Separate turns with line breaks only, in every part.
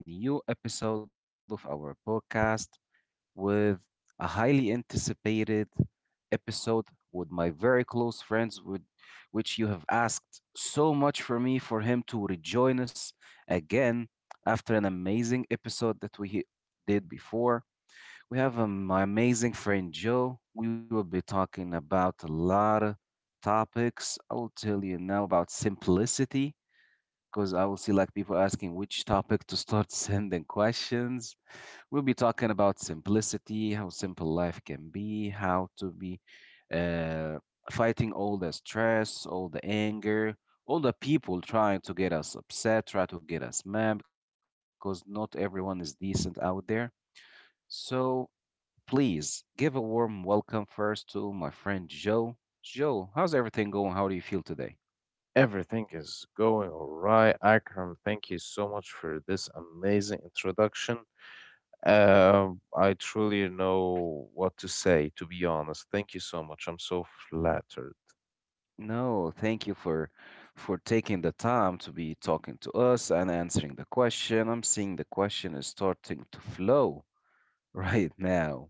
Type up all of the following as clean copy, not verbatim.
to a new episode of our podcast with a highly anticipated episode with my very close friends, with which you have asked so much for me for him to rejoin us again after an amazing episode that we did before. We have my amazing friend Joe. We will be talking about a lot of topics. I will tell you now about simplicity because I will see like people asking which topic to start sending questions. We'll be talking about simplicity, how simple life can be, how to be uh, fighting all the stress, all the anger, all the people trying to get us upset, try to get us mad, because not everyone is decent out there. So please give a warm welcome first to my friend Joe. Joe, how's everything going? How do you feel today?
Everything is going all right. Akram, thank you so much for this amazing introduction. I truly know what to say, to be honest. Thank you so much. I'm so flattered.
No, thank you for taking the time to be talking to us and answering the question. I'm seeing the question is starting to flow right now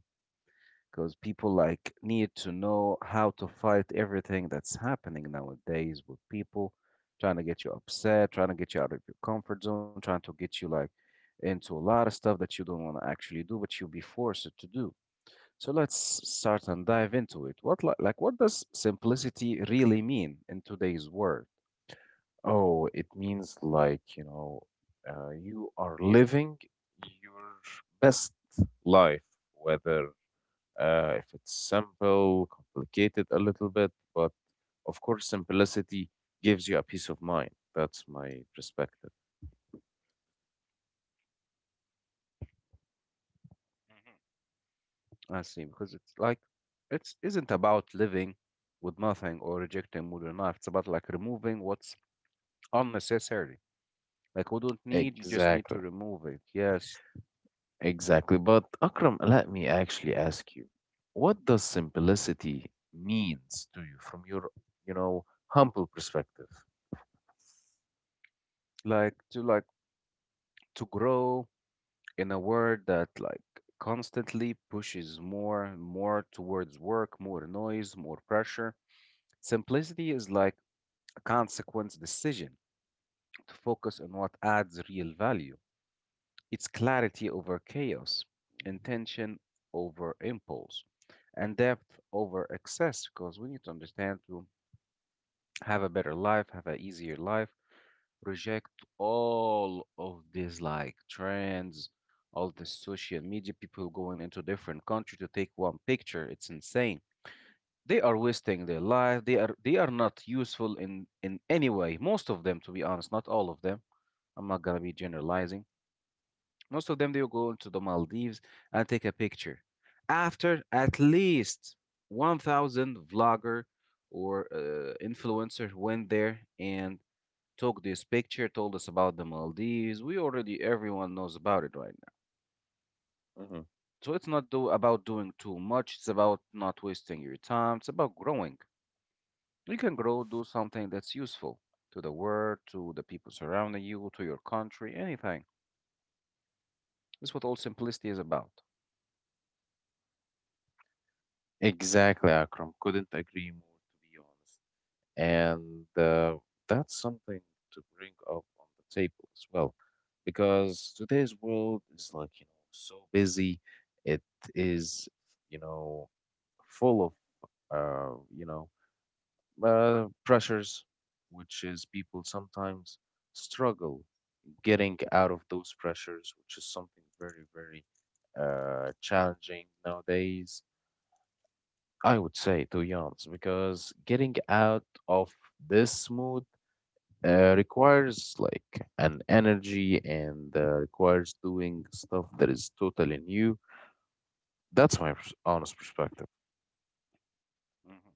because people like need to know how to fight everything that's happening nowadays with people trying to get you upset, trying to get you out of your comfort zone, trying to get you like into a lot of stuff that you don't want to actually do, but you'll be forced to do. So let's start and dive into it. Like what does simplicity really mean in today's world?
Oh, it means you are living your best life, whether if it's simple, complicated a little bit, but of course, simplicity gives you a peace of mind. That's my perspective.
I see, because it's like it's isn't about living with nothing or rejecting modern life. It's about like removing what's unnecessary. Like we don't need, you just need to
Exactly.
remove it. Yes.
Exactly. But Akram, let me actually ask you, what does simplicity means to you from your humble perspective?
Like to grow in a world that like constantly pushes more towards work, more noise, more pressure, simplicity is like a consequence decision to focus on what adds real value. It's clarity over chaos, intention over impulse, and depth over excess. Because we need to understand to have a better life, have an easier life reject all of these like trends, all the social media people going into different country to take one picture. It's insane. They are wasting their life. They are not useful in any way. Most of them, to be honest, not all of them. I'm not gonna be generalizing. Most of them they will go into the Maldives and take a picture. After at least 1,000 vlogger or influencer went there and took this picture, told us about the Maldives. We already, everyone knows about it right now.
Mhm.
So it's not do, about doing too much, it's about not wasting your time, it's about growing. You can grow, do something that's useful to the world, to the people surrounding you, to your country, anything. That's what all simplicity is about.
Exactly, Akram. Couldn't agree more, to be honest. And That's something to bring up on the table as well, because today's world is so busy. It is, you know, full of, uh, you know, pressures, which is people sometimes struggle getting out of those pressures, which is something very, very challenging nowadays. I would say, to be because getting out of this mood requires like an energy and requires doing stuff that is totally new. That's my honest perspective.
Mhm.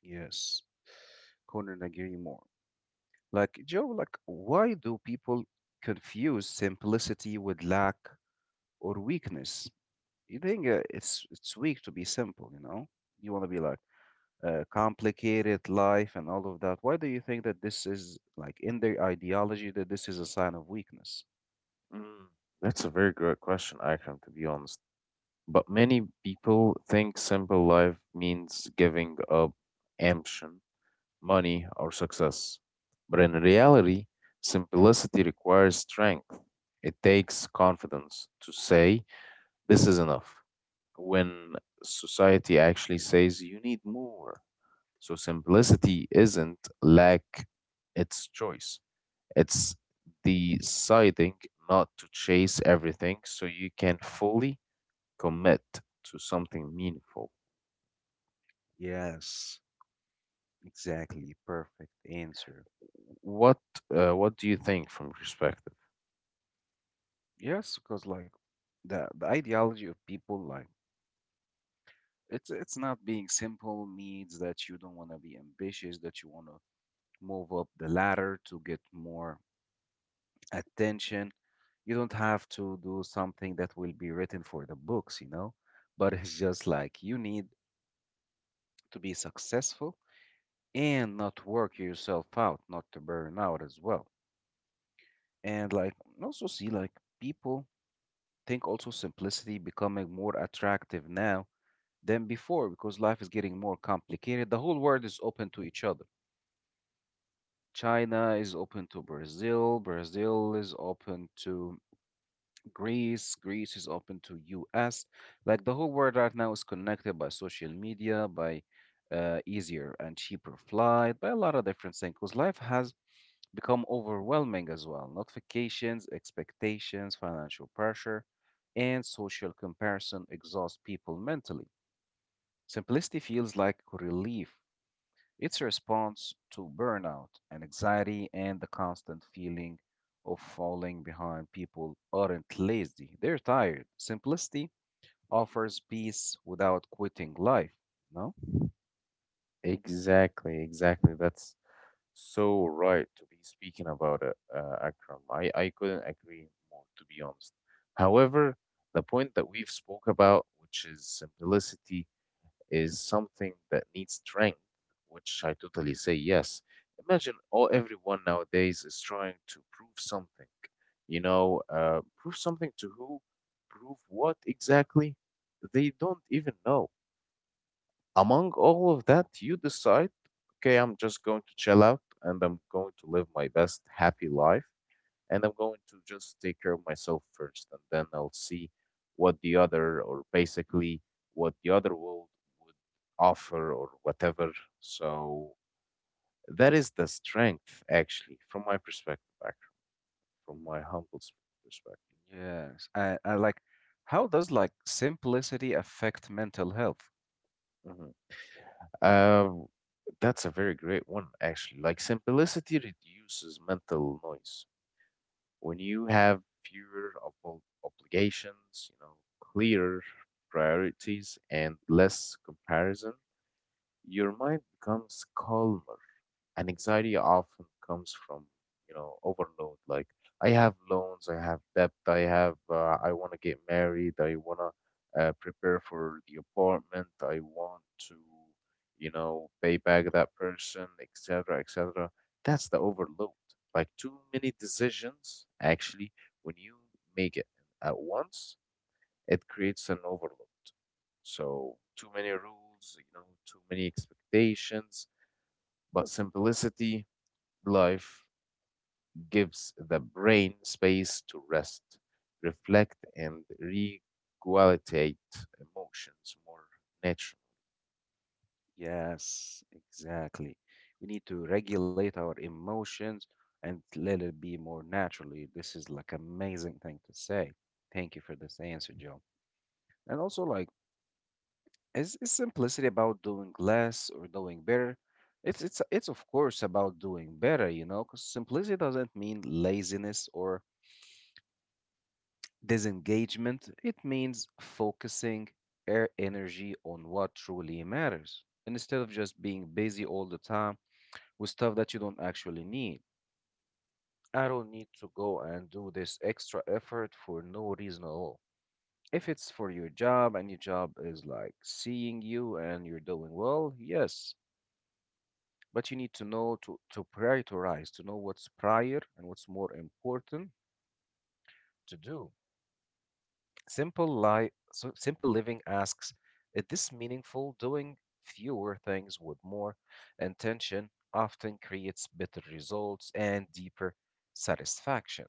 Yes, couldn't agree more. Like, Joe, like, why do people confuse simplicity with lack or weakness? You think it's weak to be simple, you know? You want to be like complicated life and all of that. Why do you think that this is like in their ideology that this is a sign of weakness?
Mm. That's a very great question, Akram, to be honest. But many people think simple life means giving up ambition, money, or success. But in reality, simplicity requires strength. It takes confidence to say, this is enough, when society actually says, you need more. So simplicity isn't lack, it's choice. It's deciding not to chase everything so you can fully commit to something meaningful.
Yes, exactly. Perfect answer.
What what do you think from your perspective?
Yes, because like the ideology of people like. It's not being simple means that you don't want to be ambitious, that you want to move up the ladder to get more attention. You don't have to do something that will be written for the books, you know? But it's just like you need to be successful and not work yourself out, not to burn out as well. And like also see like people think also simplicity becoming more attractive now than before because life is getting more complicated. The whole world is open to each other China is open to Brazil. Brazil is open to Greece. Greece is open to US. Like the whole world right now is connected by social media, by easier and cheaper flight, by a lot of different things. Because life has become overwhelming as well. Notifications, expectations, financial pressure, and social comparison exhaust people mentally. Simplicity feels like relief it's a response to burnout and anxiety and the constant feeling of falling behind. People aren't lazy, they're tired. Simplicity offers peace without quitting life. No?
Exactly, exactly. That's so right to be speaking about it, Akram. I couldn't agree more, to be honest. However, the point that we've spoke about, which is simplicity is something that needs strength, which I totally say yes. Imagine all everyone nowadays is trying to prove something. Prove something to who? Prove what exactly? They don't even know. Among all of that, you decide, okay, I'm just going to chill out and I'm going to live my best happy life and I'm going to just take care of myself first, and then I'll see what the other, or basically what the other world would offer or whatever. So that is the strength, actually, from my perspective, actually, from my humble perspective.
Yes. And like, how does like simplicity affect mental health?
Mhm. Um, that's a very great one, actually. Like simplicity reduces mental noise. When you have fewer obligations, you know, clearer priorities and less comparison, your mind becomes calmer and anxiety often comes from, you know, overload. Like I have loans, I have debt, I have, I want to get married, I want to prepare for the apartment, I want to, you know, pay back that person, etc, etc. That's the overload. Like too many decisions, actually. When you make it at once, it creates an overload. So too many rules, you know, too many expectations, but simplicity life gives the brain space to rest, reflect, and regulate emotions more naturally.
Yes, exactly. We need to regulate our emotions and let it be more naturally. This is like amazing thing to say. Thank you for this answer, Joe. And also like Is simplicity about doing less or doing better? It's of course about doing better, you know. Because simplicity doesn't mean laziness or disengagement. It means focusing our energy on what truly matters, and instead of just being busy all the time with stuff that you don't actually need. I don't need to go and do this extra effort for no reason at all. If it's for your job and your job is like seeing you and you're doing well, yes, but you need to know to prioritize, to know what's prior and what's more important to do. So simple living asks, is this meaningful? Doing fewer things with more intention often creates better results and deeper satisfaction.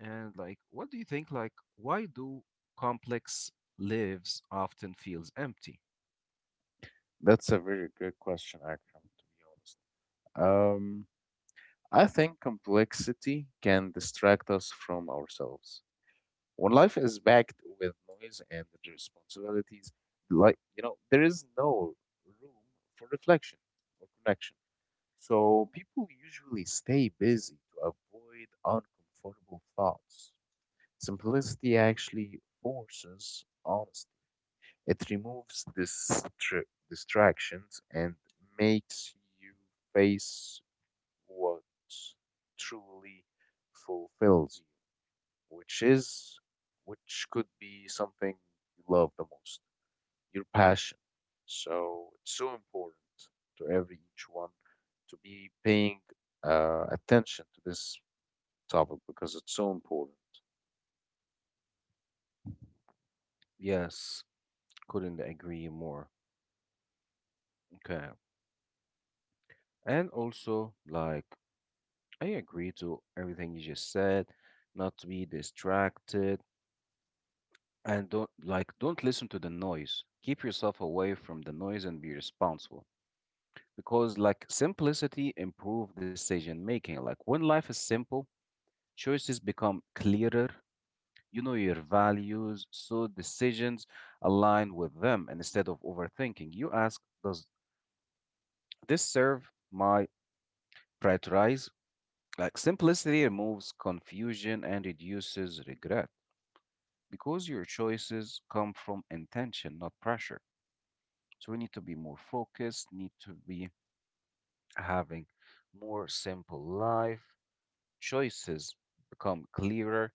And like, what do you think? Like, why do complex lives often feels empty?
That's a very good question, Akram, to be honest. Um, I think complexity can distract us from ourselves. When life is backed with noise and responsibilities, you know, there is no room for reflection or connection. So people usually stay busy to avoid uncomfortable thoughts. Simplicity actually forces honesty. It removes distractions and makes you face what truly fulfills you, which is, which could be something you love the most, your passion. So it's so important to every each one to be paying attention to this topic because it's so important.
Yes, couldn't agree more. Okay. And also, like, I agree to everything you just said. Not to be distracted and don't listen to the noise. Keep yourself away from the noise and be responsible. Because like simplicity improve decision making. Like when life is simple, choices become clearer. You know your values, so decisions align with them. And instead of overthinking, you ask, does this serve my prioritize? Like simplicity removes confusion and reduces regret. Because your choices come from intention, not pressure. So we need to be more focused, need to be having more simple life. Choices become clearer.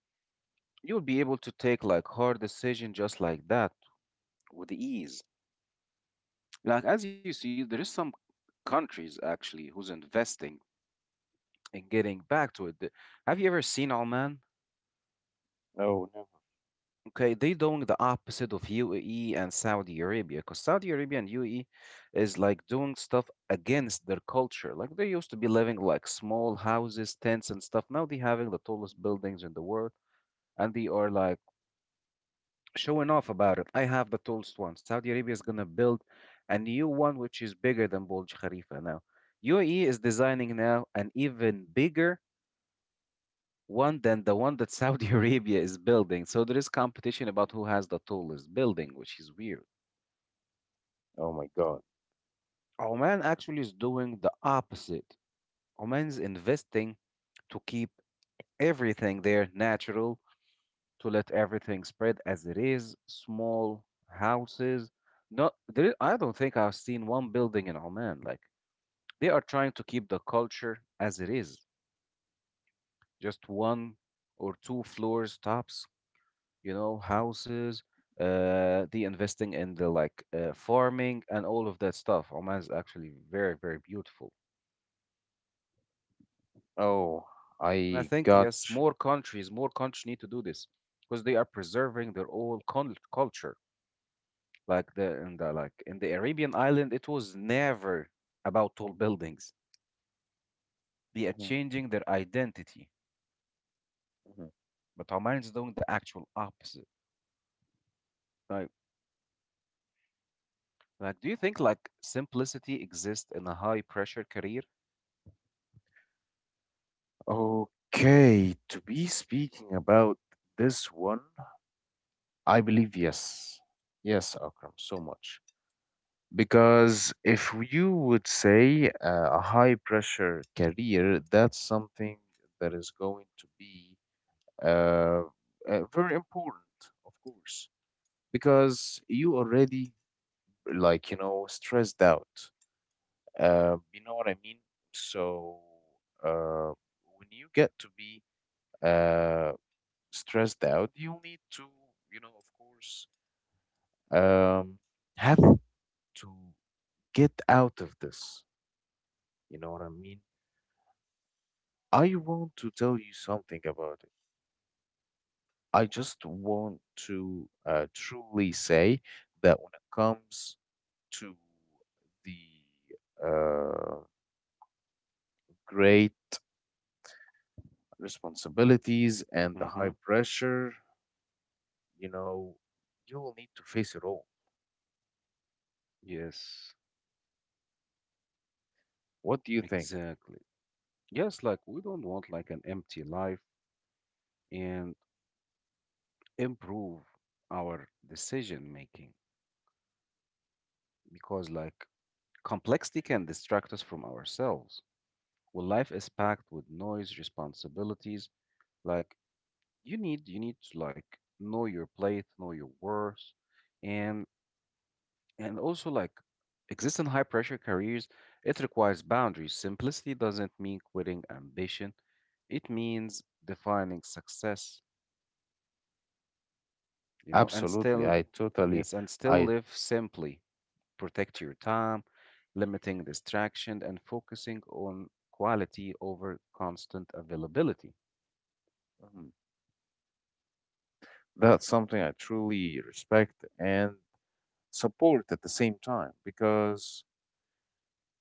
You'll be able to take like hard decision just like that with ease. Like as you see, there is some countries actually who's investing in getting back to it. Have you ever seen Oman?
Oh, never.
Okay, they doing the opposite of UAE and Saudi Arabia because Saudi Arabia and UAE is like doing stuff against their culture. Like they used to be living like small houses, tents and stuff. Now they having the tallest buildings in the world and they are like showing off about it. I have the tallest one. Saudi Arabia is gonna build a new one which is bigger than Burj Khalifa now. UAE is designing now an even bigger one than the one that Saudi Arabia is building. So there is competition about who has the tallest building, which is weird.
Oh my God.
Oman actually is doing the opposite. Oman's investing to keep everything there natural, to let everything spread as it is, small houses. No, there, I don't think I've seen one building in Oman. Like they are trying to keep the culture as it is, just one or two floors tops, you know, houses. The investing in the like farming and all of that stuff. Oman is actually very, very beautiful.
Oh,
And I
I
think yes,
gotcha.
more countries need to do this because they are preserving their own culture. Like the in the like in the Arabian island, it was never about tall buildings. They are
Mhm,
changing their identity,
mhm.
but Oman is doing the actual opposite. Right? Like, do you think like simplicity exists in a high pressure career?
Okay, to be speaking about this one, I believe yes. Yes, Akram, so much. Because if you would say a high pressure career, that's something that is going to be uh, very important, of course, because you already like you know stressed out. You know what I mean? So uh, when you get to be uh, stressed out, you need to, you know, of course, um, have to get out of this. You know what I mean? I want to tell you something about it. I just want to truly say that when it comes to the great responsibilities and the
Mm-hmm.
high pressure, you know, you will need to face it all.
Yes,
What do you think?
exactly. Yes, like we don't want like an empty life and improve our decision making because like complexity can distract us from ourselves. When life is packed with noise, responsibilities, like you need to like know your plate, know your worth, and and also like exist in high pressure careers, it requires boundaries. Simplicity doesn't mean quitting ambition. It means defining success, you know, and
Absolutely.
still yes, and still
I,
live simply protect your time, limiting distraction, and focusing on quality over constant availability.
mhm, that's something I truly respect and support at the same time because,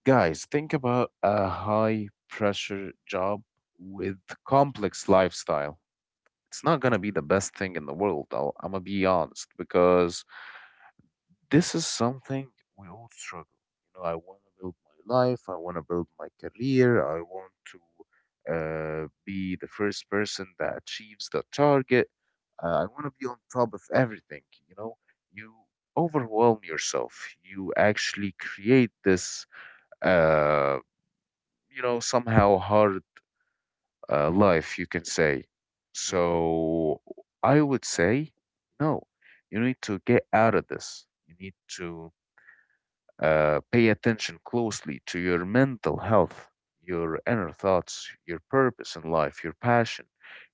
guys, think about a high pressure job with complex lifestyle. It's not going to be the best thing in the world, though. I'm going to be honest because this is something we all struggle. You know, I want to build my life, I want to build my career, I want to be the first person that achieves the target. I want to be on top of everything, you know. You overwhelm yourself. You actually create this uh, somehow hard life, you can say.
Hmm.
So I would say, no, you need to get out of this. You need to pay attention closely to your mental health, your inner thoughts, your purpose in life, your passion.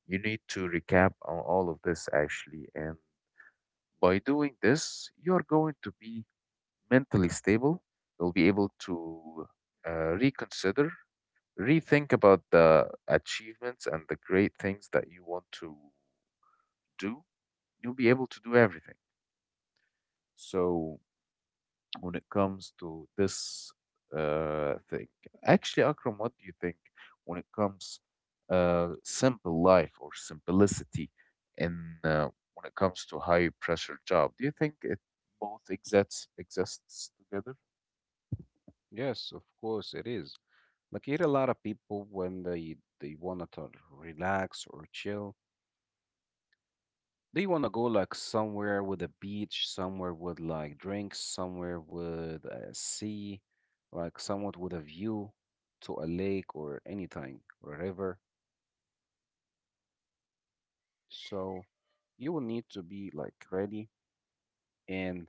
You need to recap on all of this actually. And by doing this, you're going to be mentally stable. You'll be able to uh, reconsider, rethink about the achievements and the great things that you want to do. You'll be able to do everything. So when it comes to this thing, actually, Akram, what do you think when it comes simple life or simplicity in when it comes to high pressure job? Do you think it both exists together?
Yes, of course it is. Like here, a lot of people when they wanna to relax or chill, they wanna go like somewhere with a beach, somewhere with like drinks, somewhere with a sea, like somewhat with a view to a lake or anything or a river. So you will need to be like ready and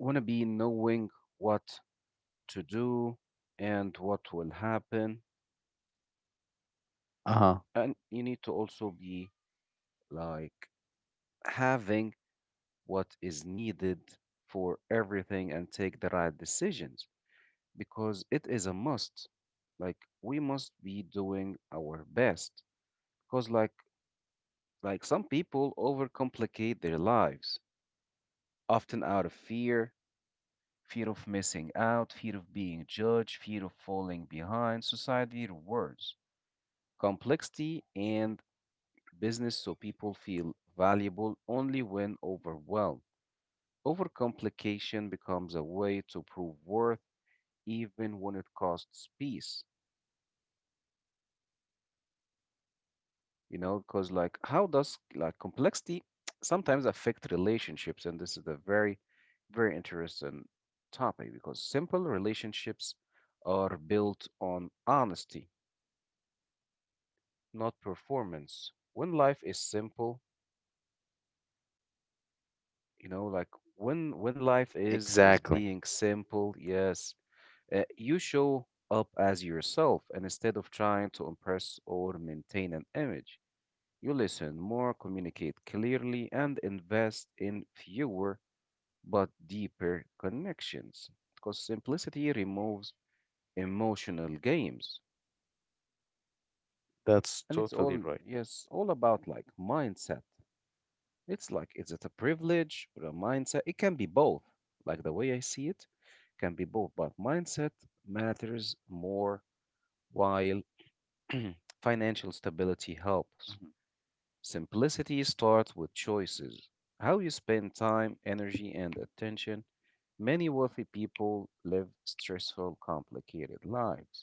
want to be knowing what to do and what will happen. And you need to also be like having what is needed for everything and take the right decisions because it is a must. Like we must be doing our best because like some people overcomplicate their lives, often out of fear, fear of missing out, fear of being judged, fear of falling behind, society rewards complexity and business so people feel valuable only when overwhelmed. Overcomplication becomes a way to prove worth even when it costs peace. You know, because like how does like complexity sometimes affect relationships? And this is a very, very interesting topic because simple relationships are built on honesty, not performance. When life is simple, you know like when life is being simple. Yes, you show up as yourself, and instead of trying to impress or maintain an image, you listen more, communicate clearly, and invest in fewer but deeper connections, because simplicity removes emotional games. And it's all, yes, all about like mindset. It's like, is it a privilege or a mindset? It can be both. Like the way I see it, can be both. But mindset matters more while financial stability helps. Simplicity starts with choices. How you spend time, energy, and attention. Many wealthy people live stressful, complicated lives,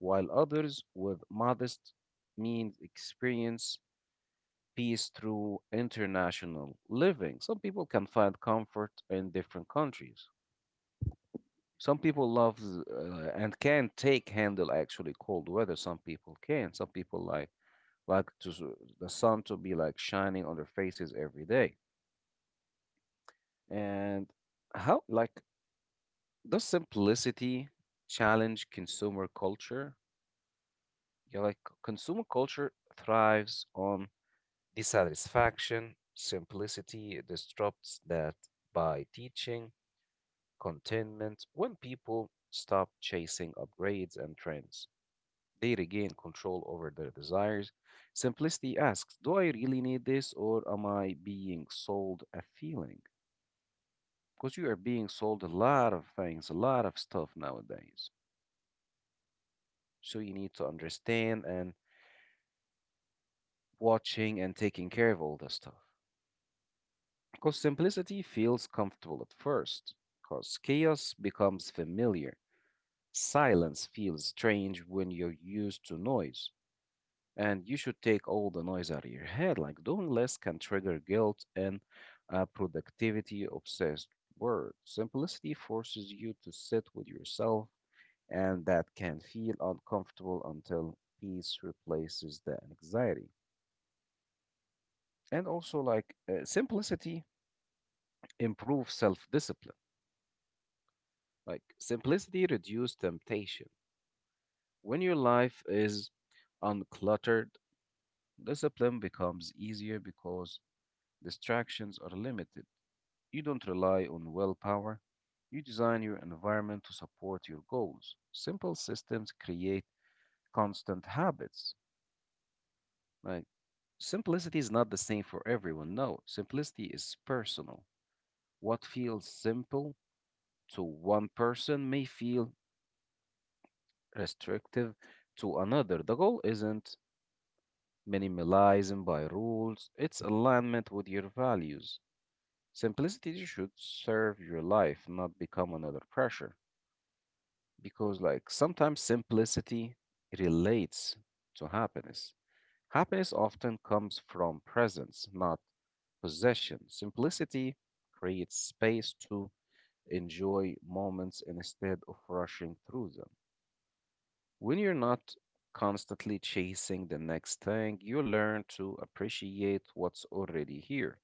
while others with modest means experience peace through international living. Some people can find comfort in different countries. Some people love, and can take, handle actually, cold weather. Some people can. Some people like like to s- the sun to be like shining on their faces every day. And how like does simplicity challenge consumer culture? Yeah, like consumer culture thrives on dissatisfaction. Simplicity disrupts that by teaching contentment. When people stop chasing upgrades and trends, they regain control over their desires. Simplicity asks, do I really need this, or am I being sold a feeling? Because you are being sold a lot of things, a lot of stuff nowadays. So you need to understand and watching and taking care of all this stuff. Because simplicity feels comfortable at first, because chaos becomes familiar. Silence feels strange when you're used to noise, and you should take all the noise out of your head. Like doing less can trigger guilt and a productivity obsessed word. Simplicity forces you to sit with yourself, and that can feel uncomfortable until peace replaces the anxiety. And also, like simplicity improves self discipline. Like simplicity reduces temptation. When your life is uncluttered, discipline becomes easier because distractions are limited. You don't rely on willpower. You design your environment to support your goals. Simple systems create constant habits. Like simplicity is not the same for everyone. No, simplicity is personal. What feels simple to one person may feel restrictive to another. The goal isn't minimalism by rules, it's alignment with your values. Simplicity should serve your life, not become another pressure. Because like sometimes simplicity relates to happiness. Happiness often comes from presence, not possession. Simplicity creates space to enjoy moments instead of rushing through them. When you're not constantly chasing the next thing, you learn to appreciate what's already here,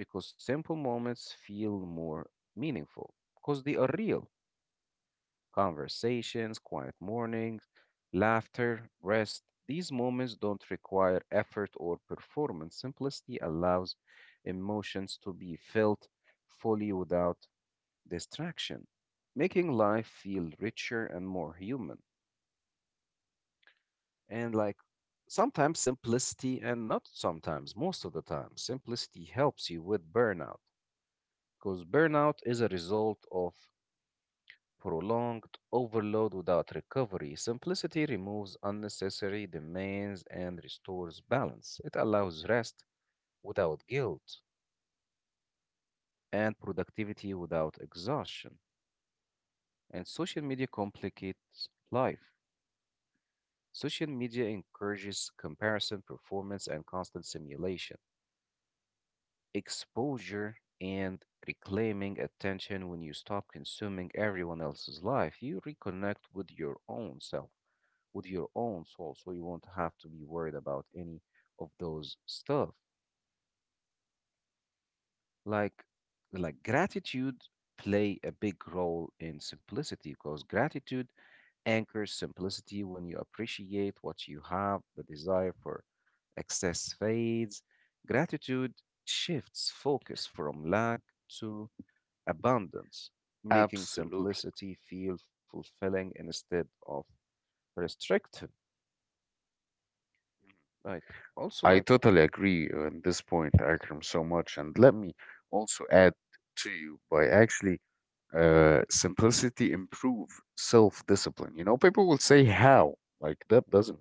because simple moments feel more meaningful because they are real. Conversations, quiet mornings, laughter, rest. These moments don't require effort or performance. Simplicity allows emotions to be felt fully without distraction, making life feel richer and more human. And like sometimes simplicity, and not sometimes, most of the time, simplicity helps you with burnout, because burnout is a result of prolonged overload without recovery. Simplicity removes unnecessary demands and restores balance. It allows rest without guilt and productivity without exhaustion. And social media complicates life. Social media encourages comparison, performance, and constant simulation. Exposure and reclaiming attention. When you stop consuming everyone else's life, you reconnect with your own self, with your own soul, so you won't have to be worried about any of those stuff. Like gratitude play a big role in simplicity, because gratitude anchors simplicity. When you appreciate what you have, the desire for excess fades. Gratitude shifts focus from lack to abundance, making simplicity feel fulfilling instead of restrictive. Like also like. Hmm.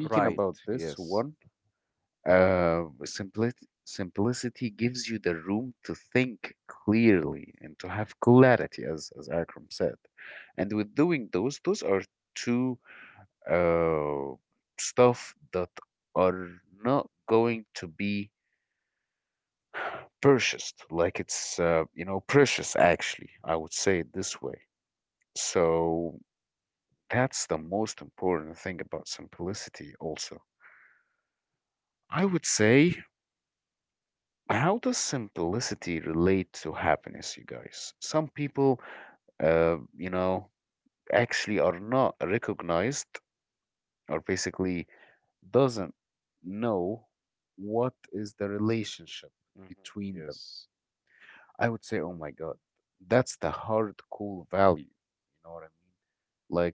Right. Yes. Hmm. Yes.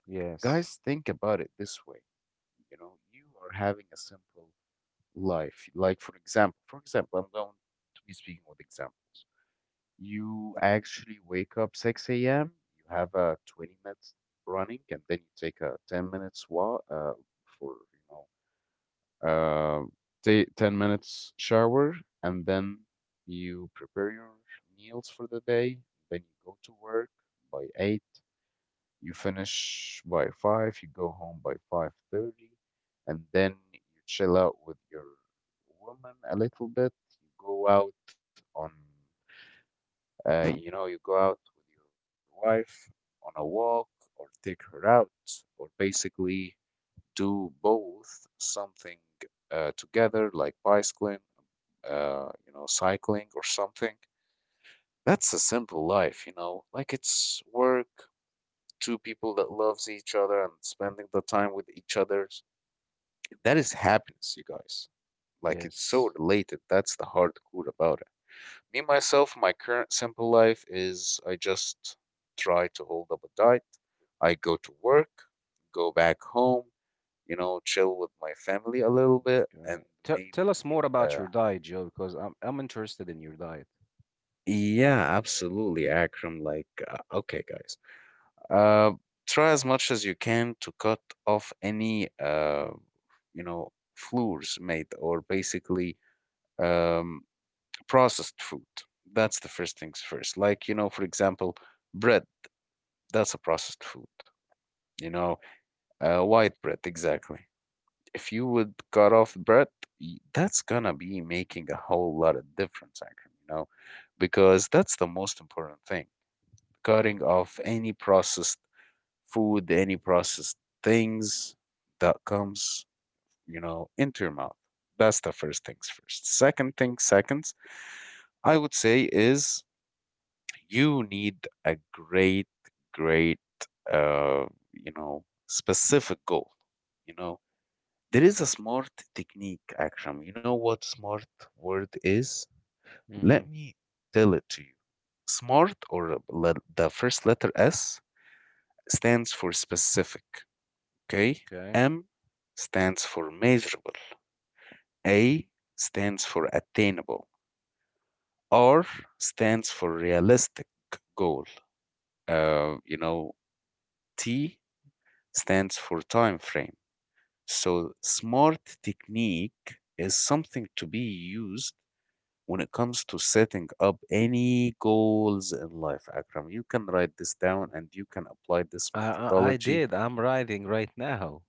Yes. Yes. Correct. Tell us more about your diet, Joe, because I'm interested in your diet. Mhm. Hmm. Okay. I did. I'm writing right now.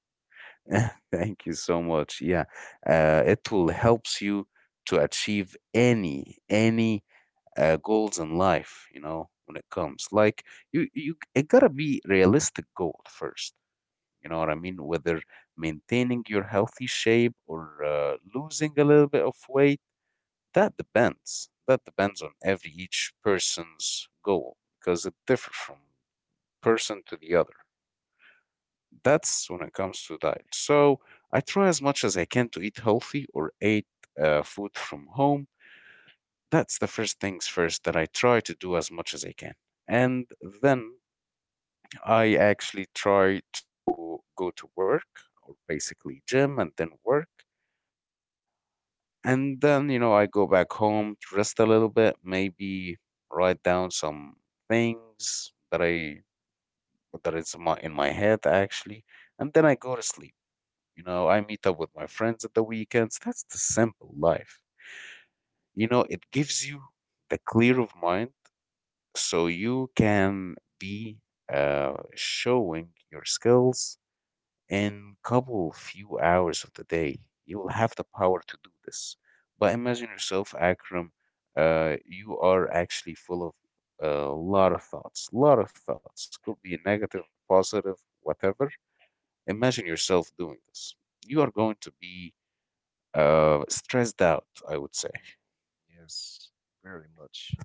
Mm-hmm. Yes, very much.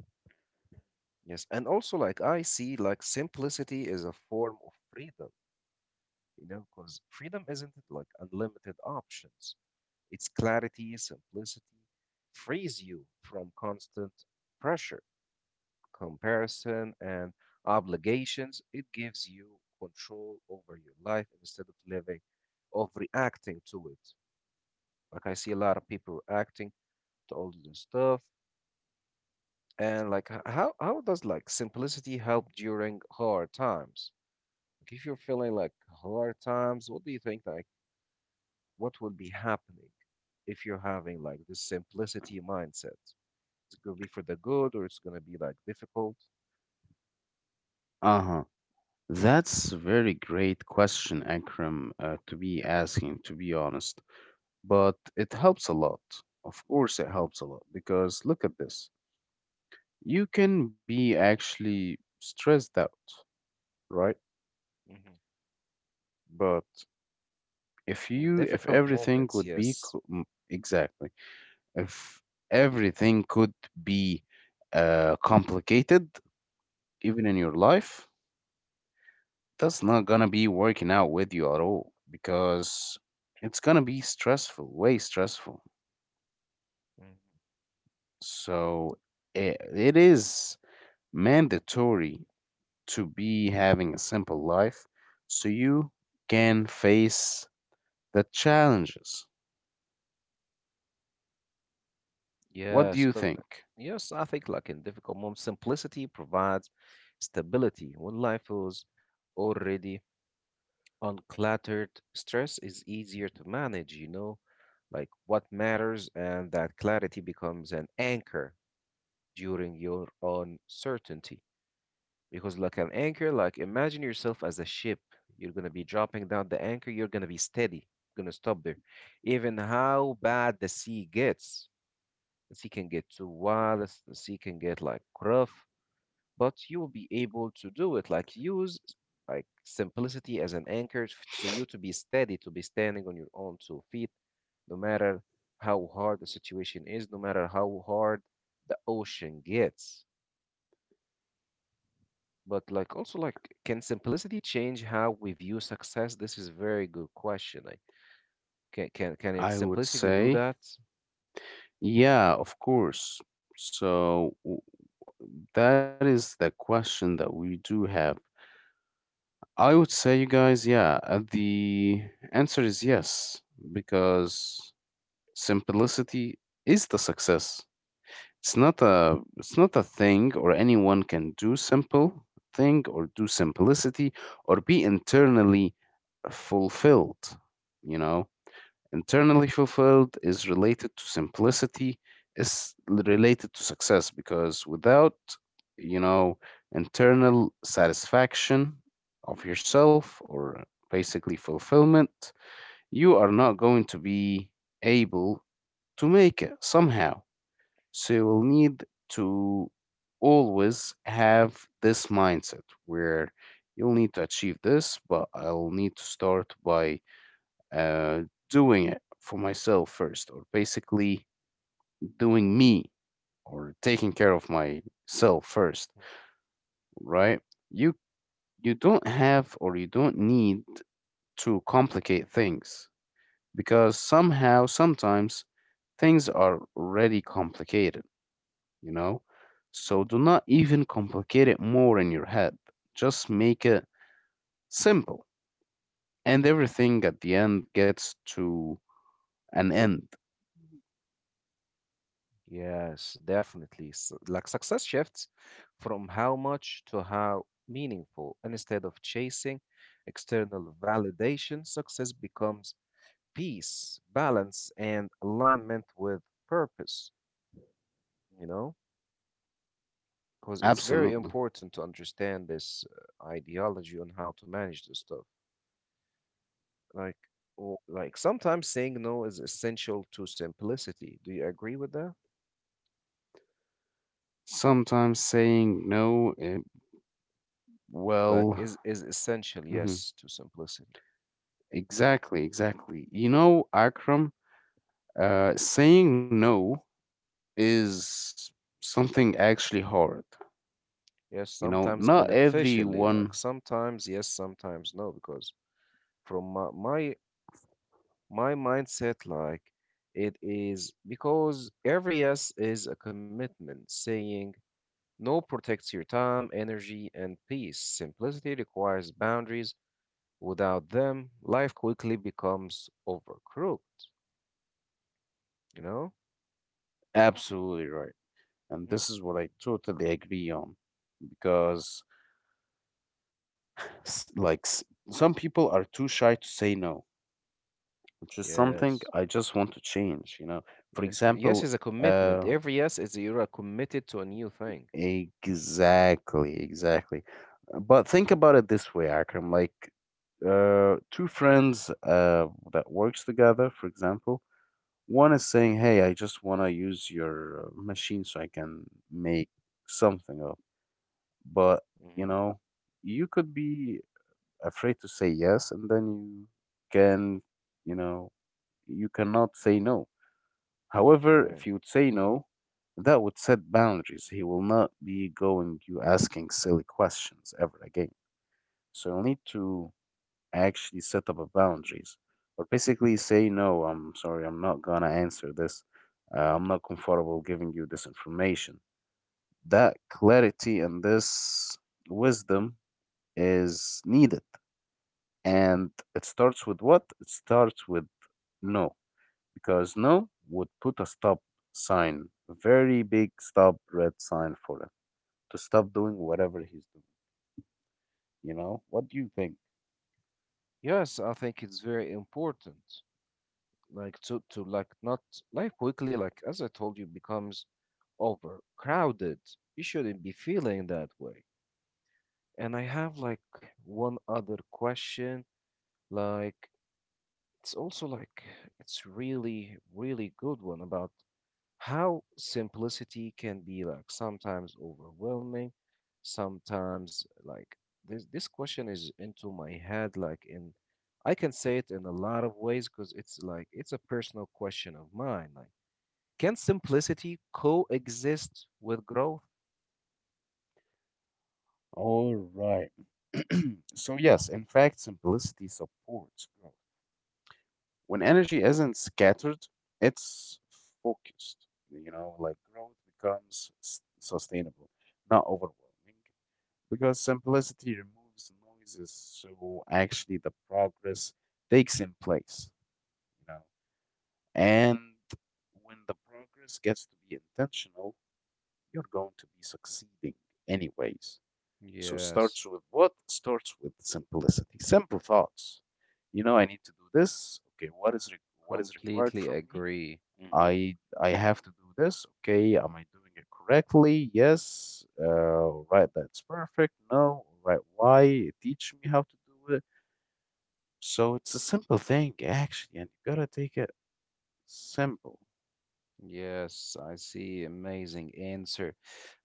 Yes, and also like I see like simplicity is a form of freedom, you know, because freedom isn't like unlimited options. Its clarity, simplicity frees you from constant pressure, comparison, and obligations. It gives you control over your life instead of living, of reacting to it. Like I see a lot of people reacting to all this stuff. And like, how does like simplicity help during hard times? Like, if you're feeling like hard times, what do you think like what will be happening if you're having like this simplicity mindset? It's gonna be for the good, or it's gonna be like difficult. Mm-hmm. In difficult moments, yes. Hmm. Yes, because yes, I think like in difficult moments, simplicity provides stability. When life is already uncluttered, stress is easier to manage, you know, like what matters, and that clarity becomes an anchor during your uncertainty. Because, like an anchor, like imagine yourself as a ship. You're going to be dropping down the anchor. You're going to be steady. You're going to stop there. Even how bad the sea gets, the sea can get too wild, the sea can get like rough, but you will be able to do it. Like, use like simplicity as an anchor so you to be steady, to be standing on your own two feet, no matter how hard the situation is, no matter how hard the ocean gets. But like also like, can simplicity change how we view success? This is a very good question. Like, can it simplicity do that? Yes, definitely. S Like success shifts from how much to how meaningful. And instead of chasing external validation, success becomes peace, balance, and alignment with purpose, you know? Because it's very important to understand this ideology on how to manage this stuff. Like, like sometimes saying no is essential to simplicity. Do you agree with that? Like, is essential, yes, to simplicity. Yes, sometimes beneficially, like sometimes yes, sometimes no, because from my mindset, like it is because every yes is a commitment. Saying no protects your time, energy, and peace. Simplicity requires boundaries. Without them, life quickly becomes overcooked, you know? Mhm. Yes. Yes. Yes is a commitment. Every yes is you're committed to a new thing. Hmm. Okay. Yes, I think it's very important. Like to like not, life quickly, like as I told you, becomes overcrowded. You shouldn't be feeling that way. And I have like one other question. Like it's also like it's really, really good one about how simplicity can be like sometimes overwhelming, sometimes like this question is into my head, like in, I can say it in a lot of ways, because it's like it's a personal question of mine, like can simplicity coexist with growth? Yes, completely agree. Hmm. Yes, I see. Amazing answer.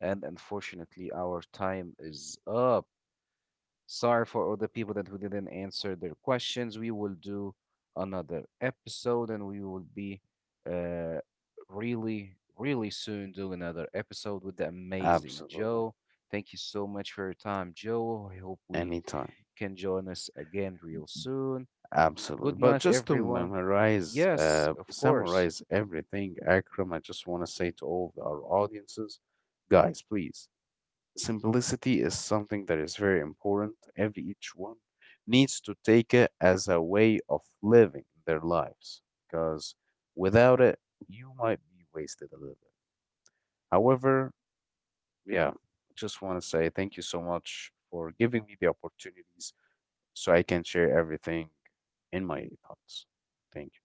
And unfortunately, our time is up. Sorry for all the people that we didn't answer their questions. We will do another episode and we will be uh, really, really soon do another episode with the amazing Joe. Thank you so much for your time, Joe. I hope we can join us again real soon. Good night, everyone. Yes, of course.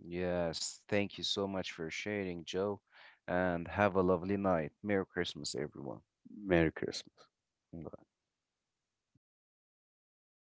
Yes, thank you so much for sharing, Joe, and have a lovely night. Merry Christmas, everyone.